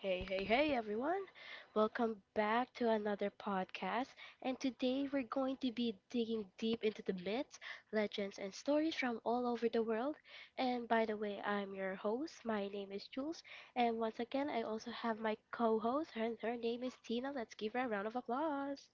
Hey, hey, hey, everyone. Welcome back to another podcast. And today we're going to be digging deep into the myths, legends, and stories from all over the world. And by the way, I'm your host. My name is Jules. And once again, I also have my co host, and her name is Tina. Let's give her a round of applause.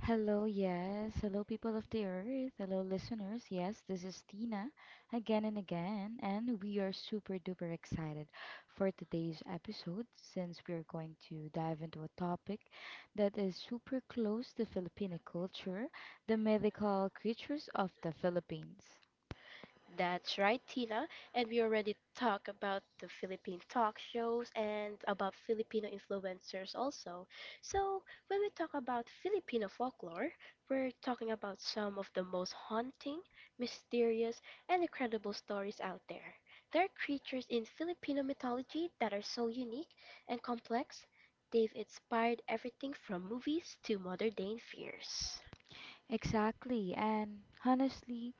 Hello, yes. Hello, people of the earth. Hello, listeners. Yes, this is Tina again, and we are super duper excited for today's episode, since we're going to dive into a topic that is super close to Filipino culture, the mythical creatures of the Philippines. That's right, Tina. And we already talked about the Philippine talk shows and about Filipino influencers also. So, when we talk about Filipino folklore, we're talking about some of the most haunting, mysterious, and incredible stories out there. There are creatures in Filipino mythology that are so unique and complex, they've inspired everything from movies to modern day fears. Exactly. And honestly,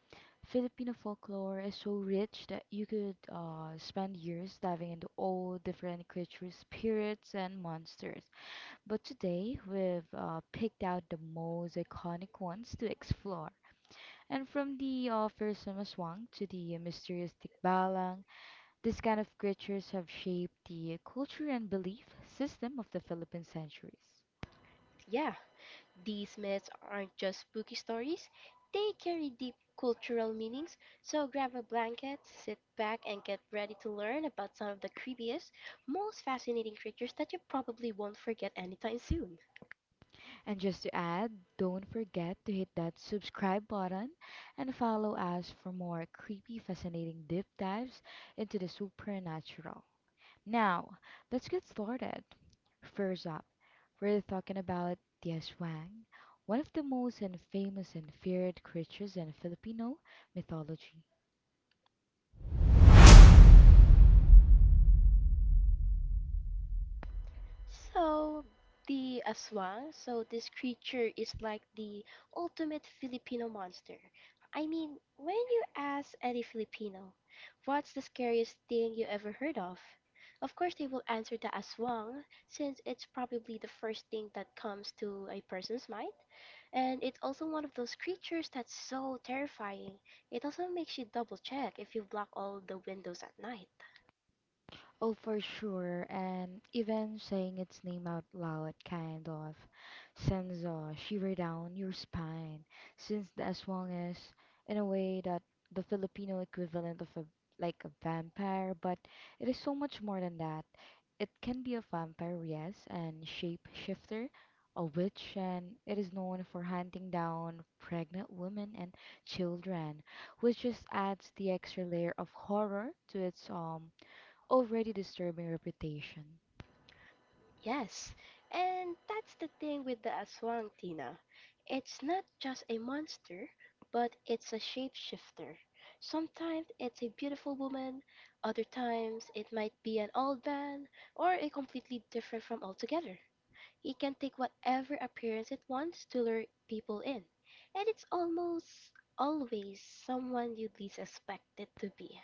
Filipino folklore is so rich that you could spend years diving into all different creatures, spirits, and monsters. But today, we've picked out the most iconic ones to explore. And from the fearsome aswang to the mysterious tikbalang, these kind of creatures have shaped the culture and belief system of the Philippine centuries. Yeah. These myths aren't just spooky stories, they carry deep cultural meanings, so grab a blanket, sit back, and get ready to learn about some of the creepiest, most fascinating creatures that you probably won't forget anytime soon. And just to add, don't forget to hit that subscribe button and follow us for more creepy, fascinating deep dives into the supernatural. Now, let's get started. First up, we're talking about the Aswang, one of the most and famous and feared creatures in Filipino mythology. So the aswang, so this creature is like the ultimate Filipino monster. I mean, when you ask any Filipino, what's the scariest thing you ever heard of? Of course, they will answer the aswang since it's probably the first thing that comes to a person's mind. And it's also one of those creatures that's so terrifying. It also makes you double check if you block all the windows at night. Oh, for sure. And even saying its name out loud kind of sends a shiver down your spine, since the aswang is, in a way, that the Filipino equivalent of a vampire, but it is so much more than that. It can be a vampire, yes, and shapeshifter, a witch, and it is known for hunting down pregnant women and children, which just adds the extra layer of horror to its already disturbing reputation. Yes, and that's the thing with the Aswang, Tina. It's not just a monster, but it's a shapeshifter. Sometimes it's a beautiful woman, other times it might be an old man, or a completely different from altogether. It can take whatever appearance it wants to lure people in, and it's almost always someone you'd least expect it to be.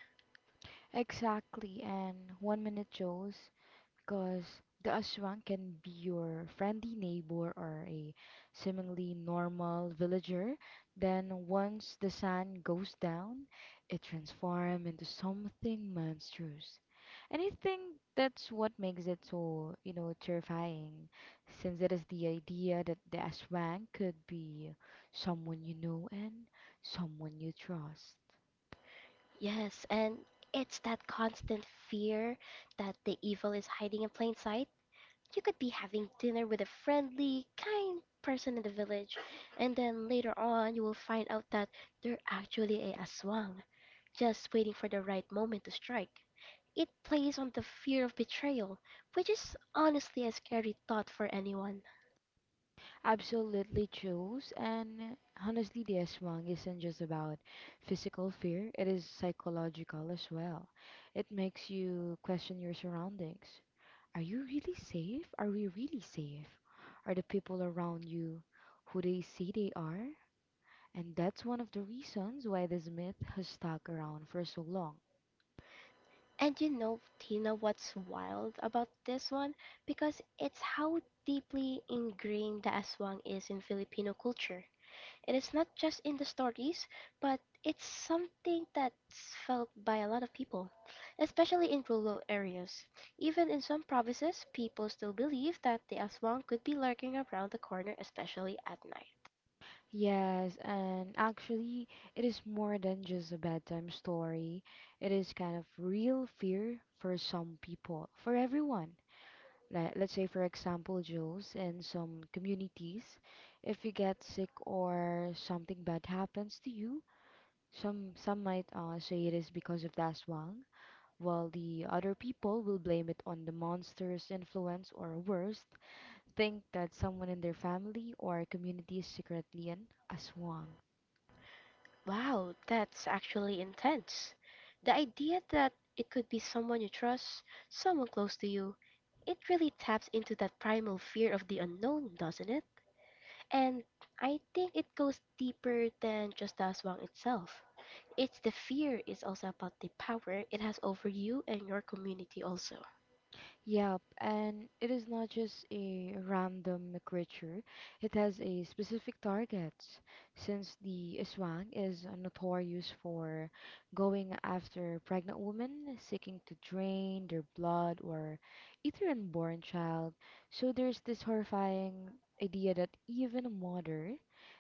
Exactly, and one minute Joes, because the aswang can be your friendly neighbor or a seemingly normal villager. Then once the sun goes down, it transforms into something monstrous. And I think that's what makes it so, you know, terrifying, since it is the idea that the aswang could be someone you know and someone you trust. Yes, and it's that constant fear that the evil is hiding in plain sight. You could be having dinner with a friendly, kind person in the village, and then later on you will find out that they're actually a aswang, just waiting for the right moment to strike. It plays on the fear of betrayal, which is honestly a scary thought for anyone. Absolutely chose. And honestly, the aswang isn't just about physical fear, it is psychological as well. It makes you question your surroundings. Are you really safe? Are we really safe? Are the people around you who they say they are? And that's one of the reasons why this myth has stuck around for so long. And you know, Tina, what's wild about this one? Because it's how deeply ingrained the aswang is in Filipino culture. It is not just in the stories, but it's something that's felt by a lot of people, especially in rural areas. Even in some provinces, people still believe that the Aswang could be lurking around the corner, especially at night. Yes, and actually, it is more than just a bedtime story. It is kind of real fear for some people, for everyone. Like, let's say, for example, Jules, in some communities, if you get sick or something bad happens to you, some might say it is because of the Aswang, while the other people will blame it on the monster's influence or worst, think that someone in their family or community is secretly an Aswang. Wow, that's actually intense. The idea that it could be someone you trust, someone close to you, it really taps into that primal fear of the unknown, doesn't it? And I think it goes deeper than just the aswang itself. It's the fear, it's also about the power it has over you and your community, also. Yep, and it is not just a random creature, it has a specific target, since the Aswang is notorious for going after pregnant women seeking to drain their blood or eat their unborn child. So there's this horrifying idea that even a mother,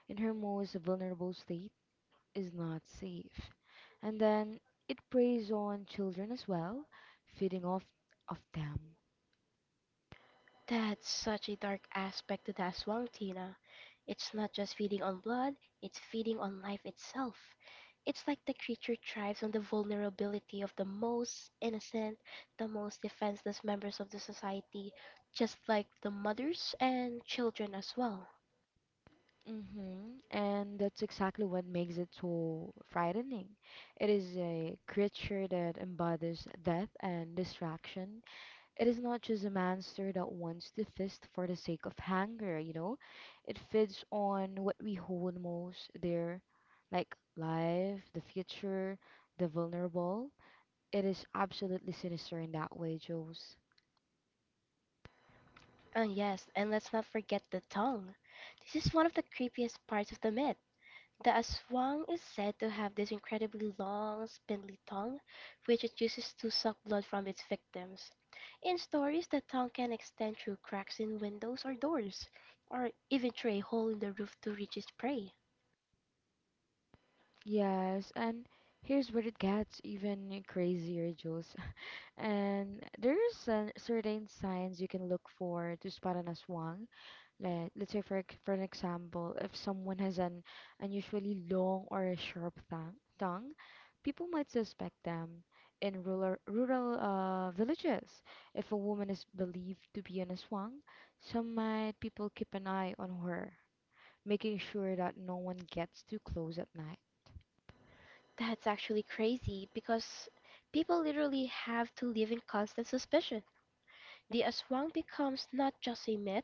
in her most vulnerable state, is not safe. And then it preys on children as well, feeding off of them. That's such a dark aspect to the aswang, Tina. It's not just feeding on blood, it's feeding on life itself. It's like the creature thrives on the vulnerability of the most innocent, the most defenseless members of the society, just like the mothers and children as well. Hmm. And that's exactly what makes it so frightening. It is a creature that embodies death and distraction. It is not just a monster that wants to feast for the sake of hunger, you know? It feeds on what we hold most dear, like life, the future, the vulnerable. It is absolutely sinister in that way, Jules. Oh, yes, and let's not forget the tongue. This is one of the creepiest parts of the myth. The Aswang is said to have this incredibly long, spindly tongue, which it uses to suck blood from its victims. In stories, the tongue can extend through cracks in windows or doors, or even through a hole in the roof to reach its prey. Yes, and here's where it gets even crazier, Jules. And there are some certain signs you can look for to spot an aswang. Let's say, for an example, if someone has an unusually long or a sharp thang, tongue, people might suspect them in rural villages. If a woman is believed to be an aswang, some might people keep an eye on her, making sure that no one gets too close at night. That's actually crazy because people literally have to live in constant suspicion. The Aswang becomes not just a myth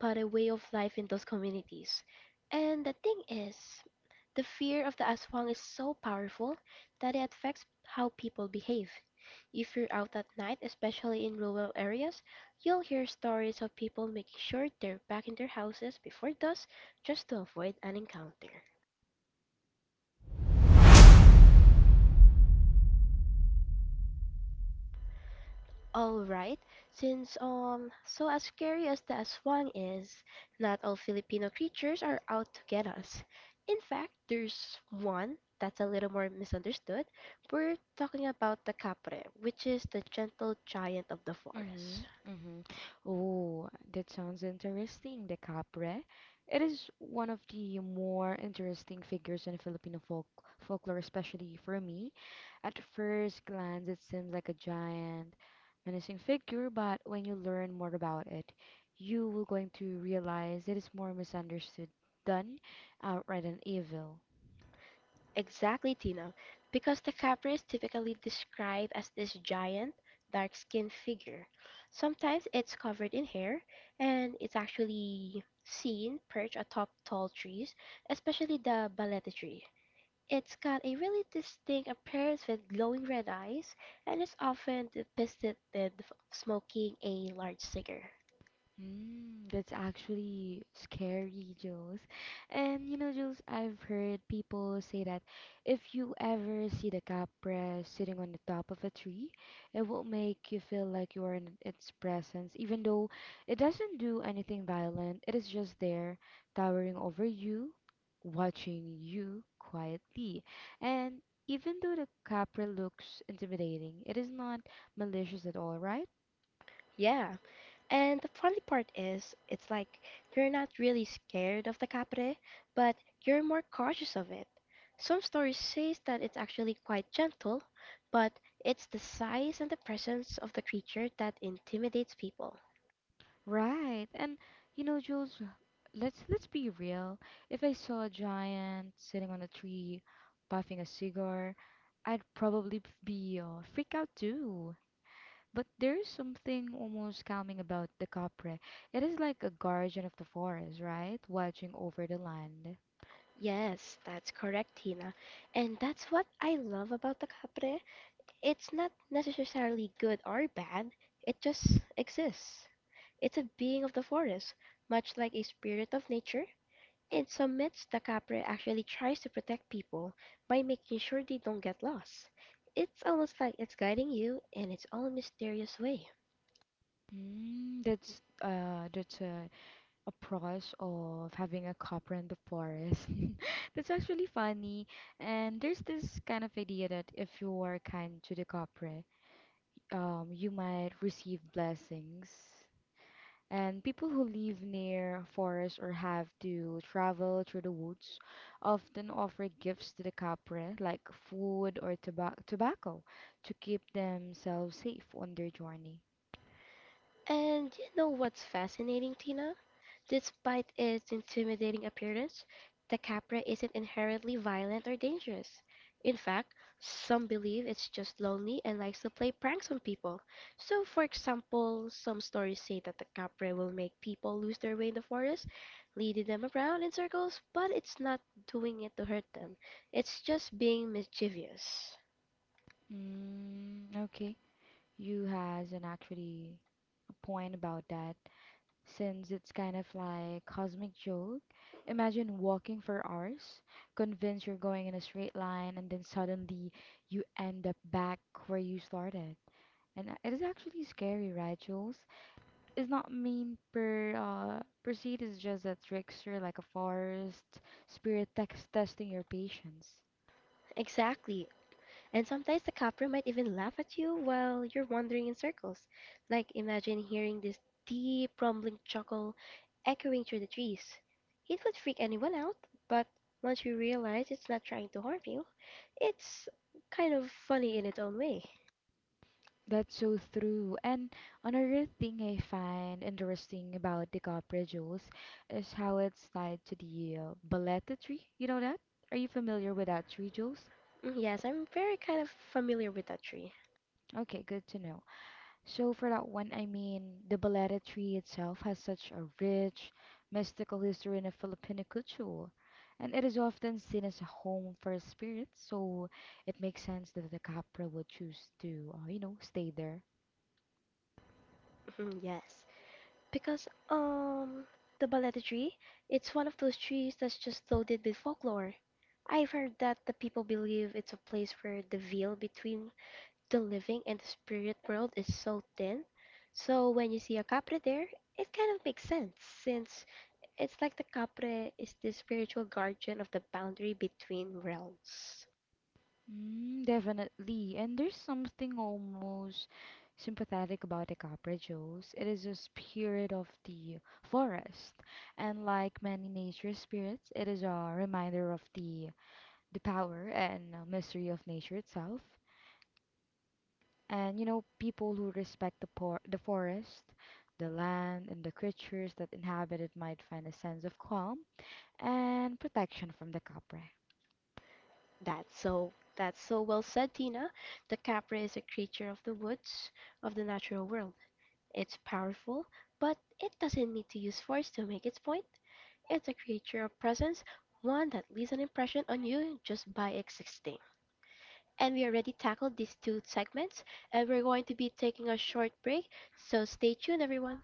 but a way of life in those communities. And the thing is, the fear of the aswang is so powerful that it affects how people behave. If you're out at night, especially in rural areas, you'll hear stories of people making sure they're back in their houses before dusk just to avoid an encounter. All right, since so as scary as the aswang is, not all Filipino creatures are out to get us. In fact, there's one that's a little more misunderstood. We're talking about the capre, which is the gentle giant of the Mm-hmm, forest. mm-hmm. Oh, that sounds interesting, the Capre. It is one of the more interesting figures in Filipino folk folklore, especially for me. At first glance, it seems like a giant, menacing figure, but when you learn more about it, you will going to realize it is more misunderstood than outright an evil. Exactly, Tina, because the capra is typically described as this giant, dark skinned figure. Sometimes it's covered in hair, and it's actually seen perched atop tall trees, especially the balete tree. It's got a really distinct appearance with glowing red eyes, and is often depicted smoking a large cigar. Mm, that's actually scary, Jules. And you know, Jules, I've heard people say that if you ever see the capra sitting on the top of a tree, it will make you feel like you are in its presence, even though it doesn't do anything violent. It is just there, towering over you, watching you quietly. And even though the capra looks intimidating, it is not malicious at all, right? Yeah, and the funny part is, it's like you're not really scared of the capre, but you're more cautious of it. Some stories say that it's actually quite gentle, but it's the size and the presence of the creature that intimidates people. Right. And you know, Jules, let's be real. If I saw a giant sitting on a tree, puffing a cigar, I'd probably be freaked out too. But there's something almost calming about the Capre. It is like a guardian of the forest, right? Watching over the land. Yes, that's correct, Tina. And that's what I love about the capre. It's not necessarily good or bad, it just exists. It's a being of the forest, much like a spirit of nature. In some myths, the Capre actually tries to protect people by making sure they don't get lost. It's almost like it's guiding you in its own mysterious way. Mm, that's a pros of having a Capre in the forest. That's actually funny. And there's this kind of idea that if you are kind to the Kapre, you might receive blessings. And people who live near forests or have to travel through the woods often offer gifts to the Kapre, like food or tobacco, to keep themselves safe on their journey. And you know what's fascinating, Tina? Despite its intimidating appearance, the capra isn't inherently violent or dangerous. In fact, some believe it's just lonely and likes to play pranks on people. So, for example, some stories say that the capra will make people lose their way in the forest, leading them around in circles, but it's not doing it to hurt them. It's just being mischievous. Mm, okay, you has an actually a point about that, since it's kind of like cosmic joke. Imagine walking for hours, convinced you're going in a straight line, and then suddenly you end up back where you started. And it is actually scary, right, Jules? It's not mean per uh proceed. It's just a trickster like a forest spirit text testing your patience. Exactly. And sometimes the capra might even laugh at you while you're wandering in circles. Like, imagine hearing this deep, rumbling chuckle echoing through the trees. It would freak anyone out, but once you realize it's not trying to harm you, it's kind of funny in its own way. That's so true. And another thing I find interesting about the copra jewels is how it's tied to the baleta tree. You know that? Are you familiar with that tree, Jules? Mm, yes, I'm very kind of familiar with that tree. Okay, good to know. So for that one, I mean, the baleta tree itself has such a rich, mystical history in the Filipino culture, and it is often seen as a home for spirits. So it makes sense that the capra would choose to, you know, stay there. Yes. Because the baleta tree, it's one of those trees that's just loaded with folklore. I've heard that the people believe it's a place where the veil between the living and the spirit world is so thin. So when you see a capre there, it kind of makes sense since it's like the capre is the spiritual guardian of the boundary between realms. Mm, definitely. And there's something almost sympathetic about the Capra Joes. It is a spirit of the forest. And like many nature spirits, it is a reminder of the power and mystery of nature itself. And you know, people who respect the forest, the land, and the creatures that inhabit it might find a sense of calm and protection from the Capra. That's so well said, Tina. The capre is a creature of the woods, of the natural world. It's powerful, but it doesn't need to use force to make its point. It's a creature of presence, one that leaves an impression on you just by existing. And we already tackled these two segments, and we're going to be taking a short break, so stay tuned, everyone.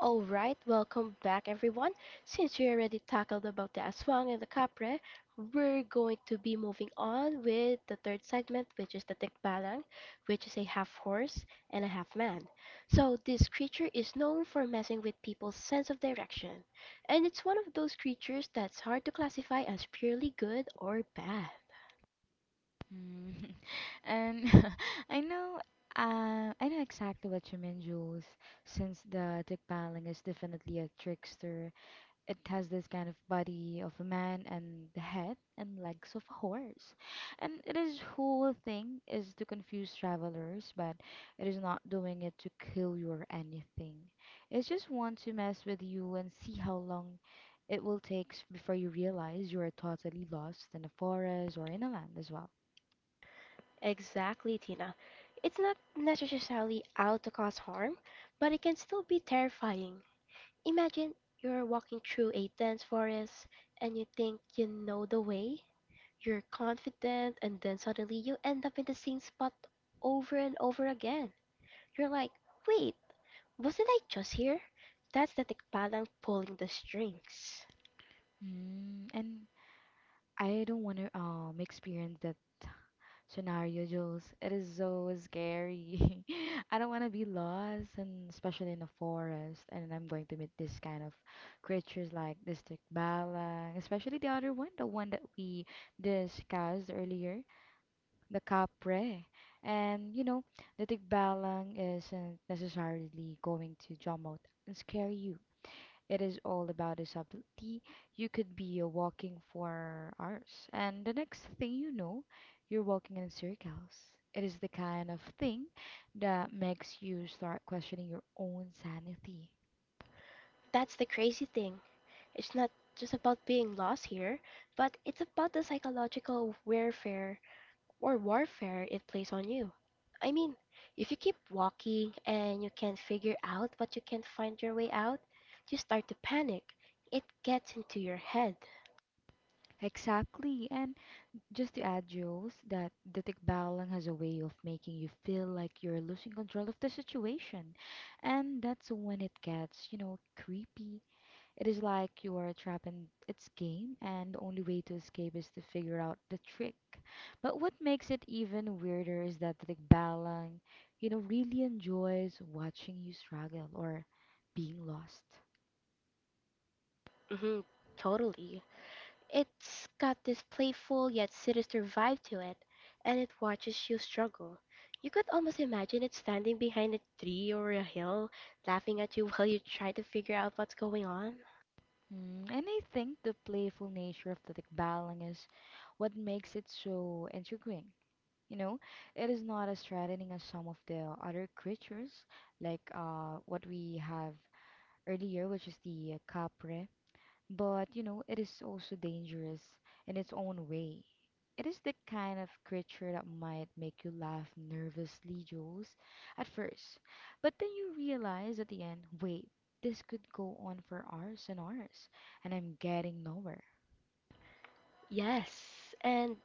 All right, welcome back everyone. Since we already tackled about the aswang and the kapre, we're going to be moving on with the third segment, which is the tikbalang, which is a half horse and a half man. So this creature is known for messing with people's sense of direction, and it's one of those creatures that's hard to classify as purely good or bad. Mm. And I know, I know exactly what you mean, Jules. Since the Tikbalang is definitely a trickster, it has this kind of body of a man and the head and legs of a horse. And it is whole thing is to confuse travelers, but it is not doing it to kill you or anything. It's just want to mess with you and see how long it will take before you realize you are totally lost in a forest or in a land as well. Exactly, Tina. It's not necessarily out to cause harm, but it can still be terrifying. Imagine you're walking through a dense forest and you think you know the way. You're confident, and then suddenly you end up in the same spot over and over again. You're like, wait, wasn't I just here? That's the tikbalang pulling the strings. Mm, and I don't want to experience that scenario, Jules. It is so scary. I don't want to be lost, and especially in the forest. And I'm going to meet this kind of creatures like the stickbala, especially the other one, the one that we discussed earlier, the capre. And you know, the tikbalang isn't necessarily going to jump out and scare you. It is all about the subtlety. You could be walking for hours, and the next thing you know, you're walking in circles. It is the kind of thing that makes you start questioning your own sanity. That's the crazy thing. It's not just about being lost here, but it's about the psychological warfare it plays on you. I mean, if you keep walking and you can't figure out what you can find your way out, you start to panic. It gets into your head. Exactly, and just to add, Jules, that the tikbalang has a way of making you feel like you're losing control of the situation, and that's when it gets, you know, creepy. It is like you are trapped in its game, and the only way to escape is to figure out the trick. But what makes it even weirder is that Tikbalang, you know, really enjoys watching you struggle or being lost. hmm Totally. It's got this playful yet sinister vibe to it, and it watches you struggle. You could almost imagine it standing behind a tree or a hill, laughing at you while you try to figure out what's going on. Mm, and I think the playful nature of the Tikbalang is what makes it so intriguing. You know, it is not as threatening as some of the other creatures, like what we have earlier, which is the capre. But, you know, it is also dangerous in its own way. It is the kind of creature that might make you laugh nervously, Jules, at first. But then you realize at the end, wait, this could go on for hours and hours, and I'm getting nowhere. Yes, and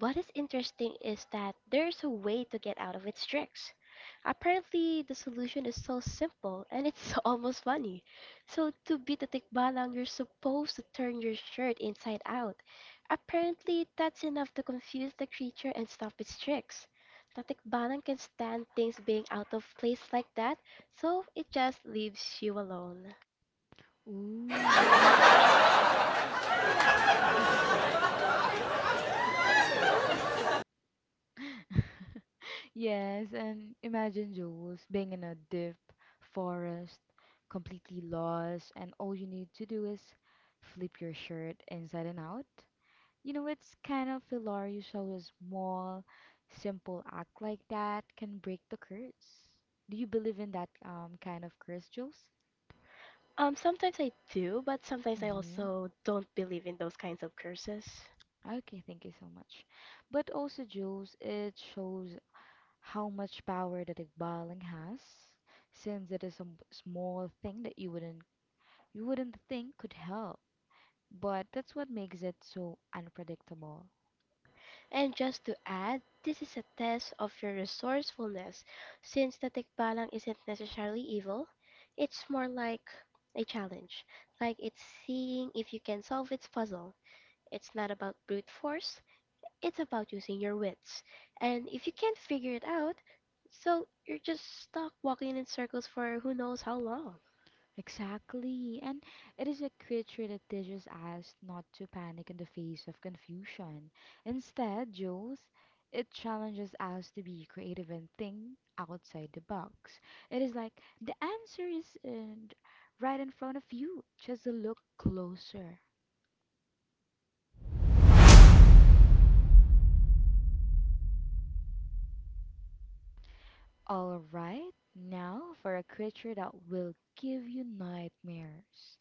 what is interesting is that there's a way to get out of its tricks. Apparently, the solution is so simple and it's almost funny. So, to beat the tikbalang, you're supposed to turn your shirt inside out. Apparently, that's enough to confuse the creature and stop its tricks. The tikbalang can stand things being out of place like that, so it just leaves you alone. Ooh, and yes, and imagine Jules being in a deep forest, completely lost, and all you need to do is flip your shirt inside and out. You know, it's kind of hilarious how a small, simple act like that can break the curse. Do you believe in that kind of curse, Jules? Sometimes I do, but sometimes I Mm-hmm. also don't believe in those kinds of curses. Okay, thank you so much. But also, Jules, it shows how much power that Iqbaling has, since it is a small thing that you wouldn't, you wouldn't think could help. But that's what makes it so unpredictable. And just to add, this is a test of your resourcefulness since the tikbalang isn't necessarily evil. It's more like a challenge, like it's seeing if you can solve its puzzle. It's not about brute force, it's about using your wits. And if you can't figure it out, so you're just stuck walking in circles for who knows how long. Exactly, and it is a creature that teaches us not to panic in the face of confusion. Instead, Jules, it challenges us to be creative and think outside the box. It is like the answer is in, right in front of you. Just look closer. All right, now for a creature that will give you nightmares.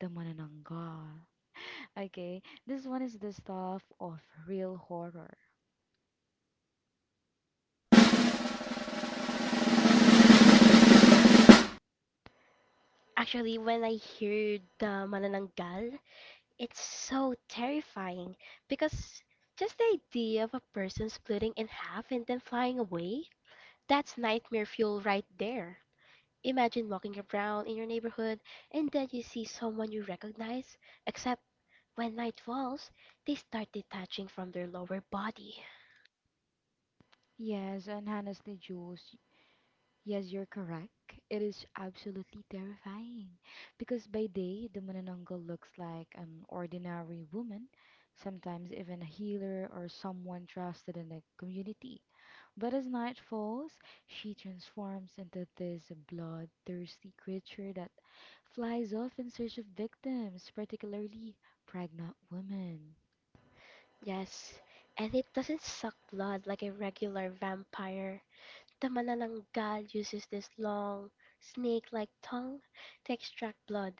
The Manananggal. Okay, this one is the stuff of real horror. Actually, when I heard the manananggal, it's so terrifying because just the idea of a person splitting in half and then flying away, that's nightmare fuel right there. Imagine walking around in your neighborhood and then you see someone you recognize, except when night falls, they start detaching from their lower body. Yes, and honestly, Jules, yes, you're correct. It is absolutely terrifying because by day, the Manananggal looks like an ordinary woman, sometimes even a healer or someone trusted in the community. But as night falls, she transforms into this bloodthirsty creature that flies off in search of victims, particularly pregnant women. Yes, and it doesn't suck blood like a regular vampire. The Manananggal uses this long, snake-like tongue to extract blood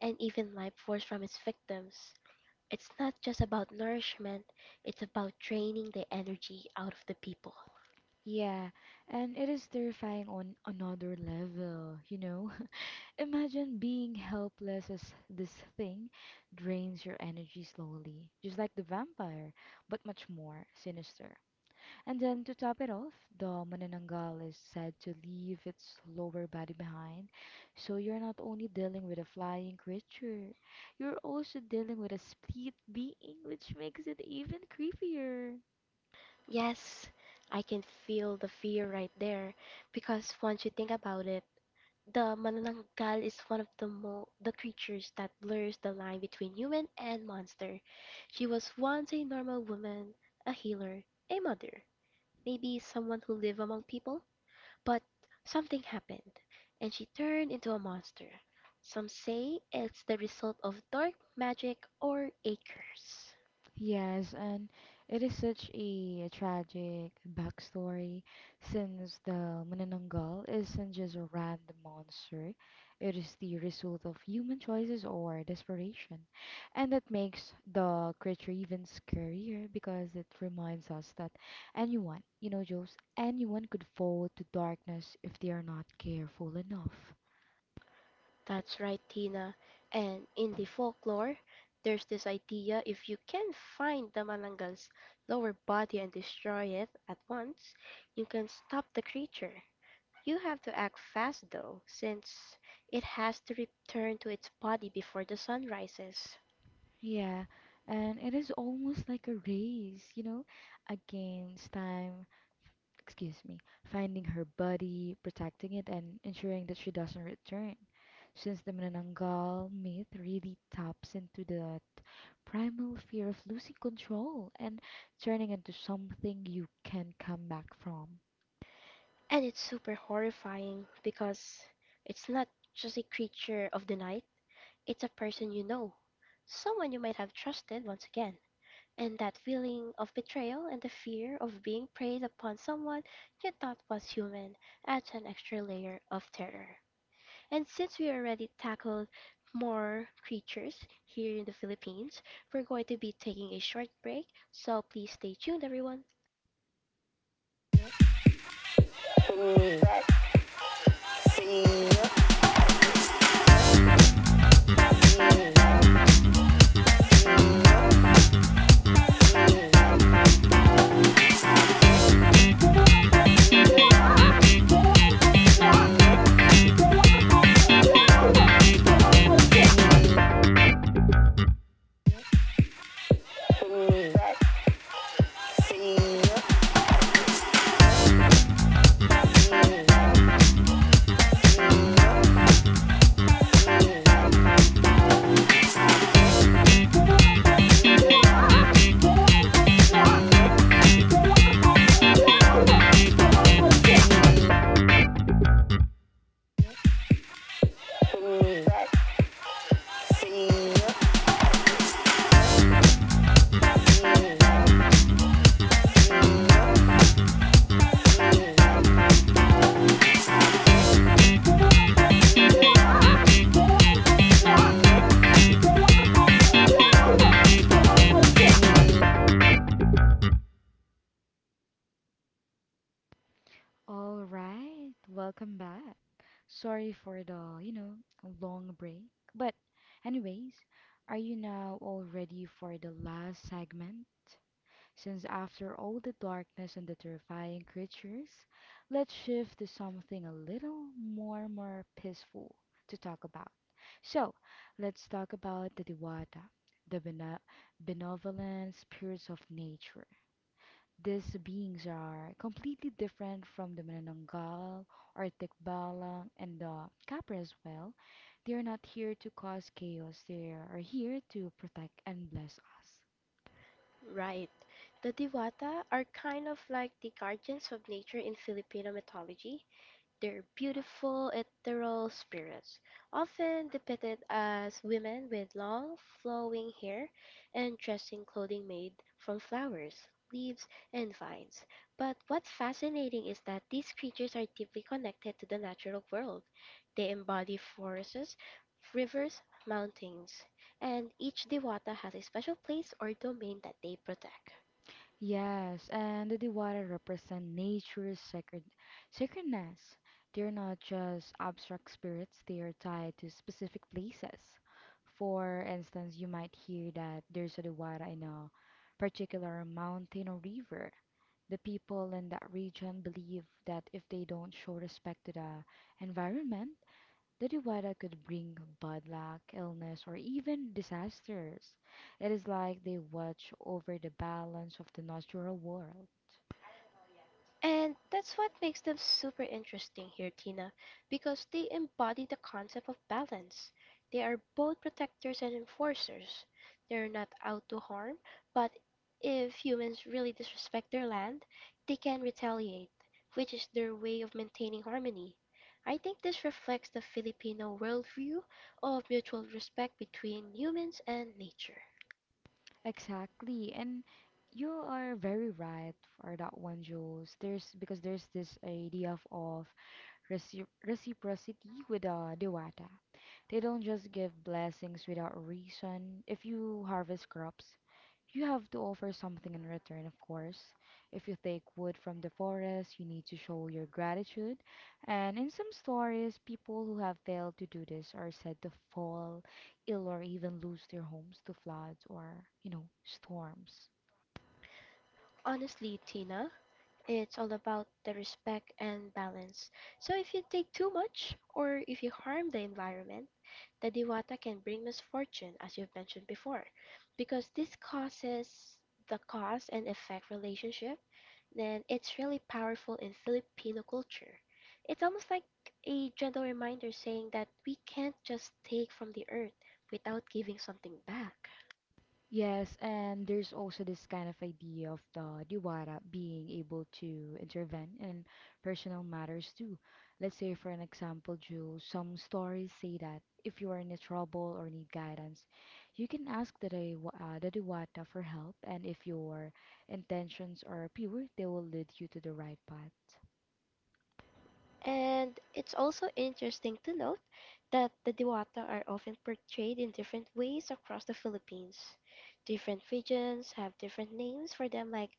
and even life force from its victims. It's not just about nourishment, it's about draining the energy out of the people. Yeah, and it is terrifying on another level, you know? Imagine being helpless as this thing drains your energy slowly, just like the vampire, but much more sinister. And then to top it off, the Manananggal is said to leave its lower body behind, so you're not only dealing with a flying creature, you're also dealing with a split being, which makes it even creepier. Yes, I can feel the fear right there because once you think about it, the Manananggal is one of the creatures that blurs the line between human and monster. She was once a normal woman, a healer, a mother, maybe someone who live among people. But something happened, and she turned into a monster. Some say it's the result of dark magic or a curse. Yes, and it is such a tragic backstory since the Manananggal isn't just a random monster, it is the result of human choices or desperation. And that makes the creature even scarier because it reminds us that anyone, you know, Joes, anyone could fall to darkness if they are not careful enough. That's right, Tina. And in the folklore, there's this idea if you can find the Malangal's lower body and destroy it at once, you can stop the creature. You have to act fast though, since it has to return to its body before the sun rises. Yeah, and it is almost like a race, you know, against time, excuse me, finding her body, protecting it, and ensuring that she doesn't return. Since the Manananggal myth really taps into the primal fear of losing control and turning into something you can come back from. And it's super horrifying because it's not just a creature of the night, it's a person you know, someone you might have trusted once again. And that feeling of betrayal and the fear of being preyed upon someone you thought was human adds an extra layer of terror. And since we already tackled more creatures here in the Philippines, we're going to be taking a short break, so please stay tuned, everyone. All right, welcome back. Sorry for the, long break. But, anyways, are you now all ready for the last segment? Since after all the darkness and the terrifying creatures, let's shift to something a little more peaceful to talk about. So, let's talk about the Diwata, the benevolent spirits of nature. These beings are completely different from the Manananggal or Tikbalang and the Kapre as well. They are not here to cause chaos, they are here to protect and bless us. Right. The Diwata are kind of like the guardians of nature in Filipino mythology. They're beautiful, ethereal spirits, often depicted as women with long, flowing hair and dressed in clothing made from flowers, leaves, and vines. But what's fascinating is that these creatures are deeply connected to the natural world. They embody forests, rivers, mountains, and each Dewata has a special place or domain that they protect. Yes, and the Diwali represent nature's sacredness. They're not just abstract spirits, they are tied to specific places. For instance, you might hear that there's a Diwali in a particular mountain or river. The people in that region believe that if they don't show respect to the environment, the divider could bring bad luck, illness, or even disasters. It is like they watch over the balance of the natural world. And that's what makes them super interesting here, Tina, because they embody the concept of balance. They are both protectors and enforcers. They're not out to harm, but if humans really disrespect their land, they can retaliate, which is their way of maintaining harmony. I think this reflects the Filipino worldview of mutual respect between humans and nature. Exactly. And you are very right for that one, Jules. There's because there's this idea of, of reciprocity with Dewata. They don't just give blessings without a reason. If you harvest crops, you have to offer something in return, of course. If you take wood from the forest, you need to show your gratitude. And in some stories, people who have failed to do this are said to fall ill or even lose their homes to floods or, you know, storms. Honestly, Tina, it's all about the respect and balance. So if you take too much or if you harm the environment, the diwata can bring misfortune, as you've mentioned before, because this causes the cause and effect relationship, then it's really powerful in Filipino culture. It's almost like a gentle reminder saying that we can't just take from the earth without giving something back. Yes, and there's also this kind of idea of the Diwara being able to intervene in personal matters too. Let's say, for an example, Jules, some stories say that if you are in a trouble or need guidance, you can ask the, the Diwata for help, and if your intentions are pure, they will lead you to the right path. And it's also interesting to note that the Diwata are often portrayed in different ways across the Philippines. Different regions have different names for them, like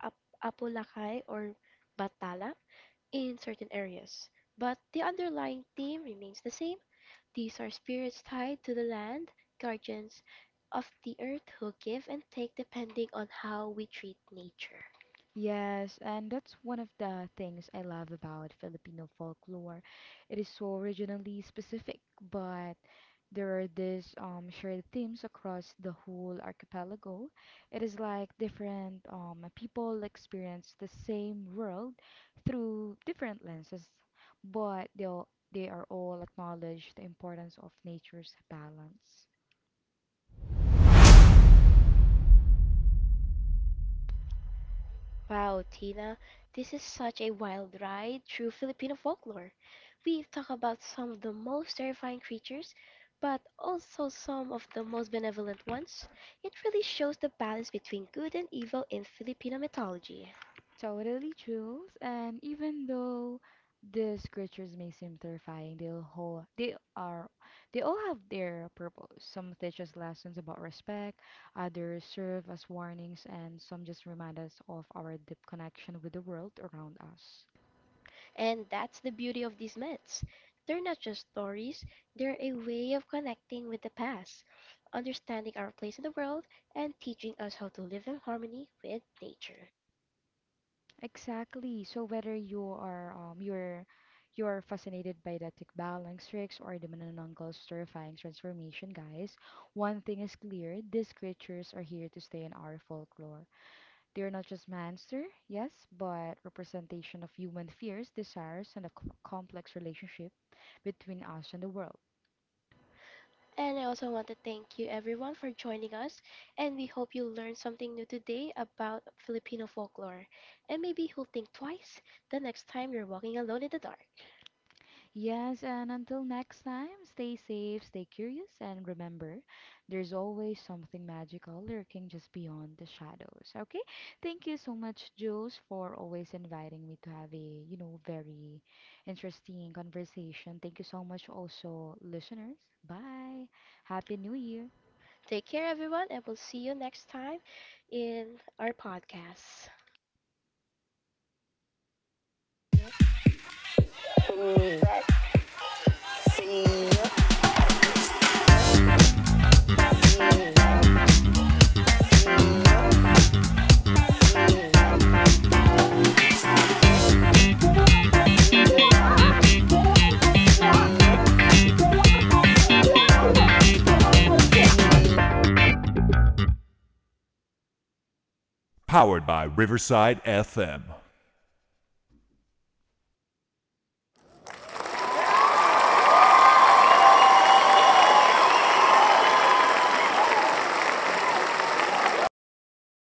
Ap- Apulakay or Batala in certain areas. But the underlying theme remains the same. These are spirits tied to the land, guardians of the earth who give and take depending on how we treat nature. Yes, and that's one of the things I love about Filipino folklore. It is so regionally specific, but there are these shared themes across the whole archipelago. It is like different people experience the same world through different lenses, but they are all acknowledge the importance of nature's balance. Wow, Tina, this is such a wild ride through Filipino folklore. We've talked about some of the most terrifying creatures, but also some of the most benevolent ones. It really shows the balance between good and evil in Filipino mythology. Totally true. And even though these creatures may seem terrifying, they will all they are they all have their purpose. Some teach us lessons about respect, others serve as warnings, and some just remind us of our deep connection with the world around us. And that's the beauty of these myths. They're not just stories, they're a way of connecting with the past, understanding our place in the world, and teaching us how to live in harmony with nature. Exactly. So whether you are you're fascinated by the Tikbalang tricks or the Manananggal's terrifying transformation, guys, one thing is clear: these creatures are here to stay in our folklore. They're not just monster, yes, but representation of human fears, desires, and a complex relationship between us and the world. And I also want to thank you everyone for joining us, and we hope you learned something new today about Filipino folklore, and maybe you'll think twice the next time you're walking alone in the dark. Yes, and until next time, stay safe, stay curious, and remember, there's always something magical lurking just beyond the shadows. Okay? Thank you so much, Jules, for always inviting me to have a, you know, very interesting conversation. Thank you so much also, listeners. Bye. Happy New Year. Take care, everyone, and we'll see you next time in our podcast.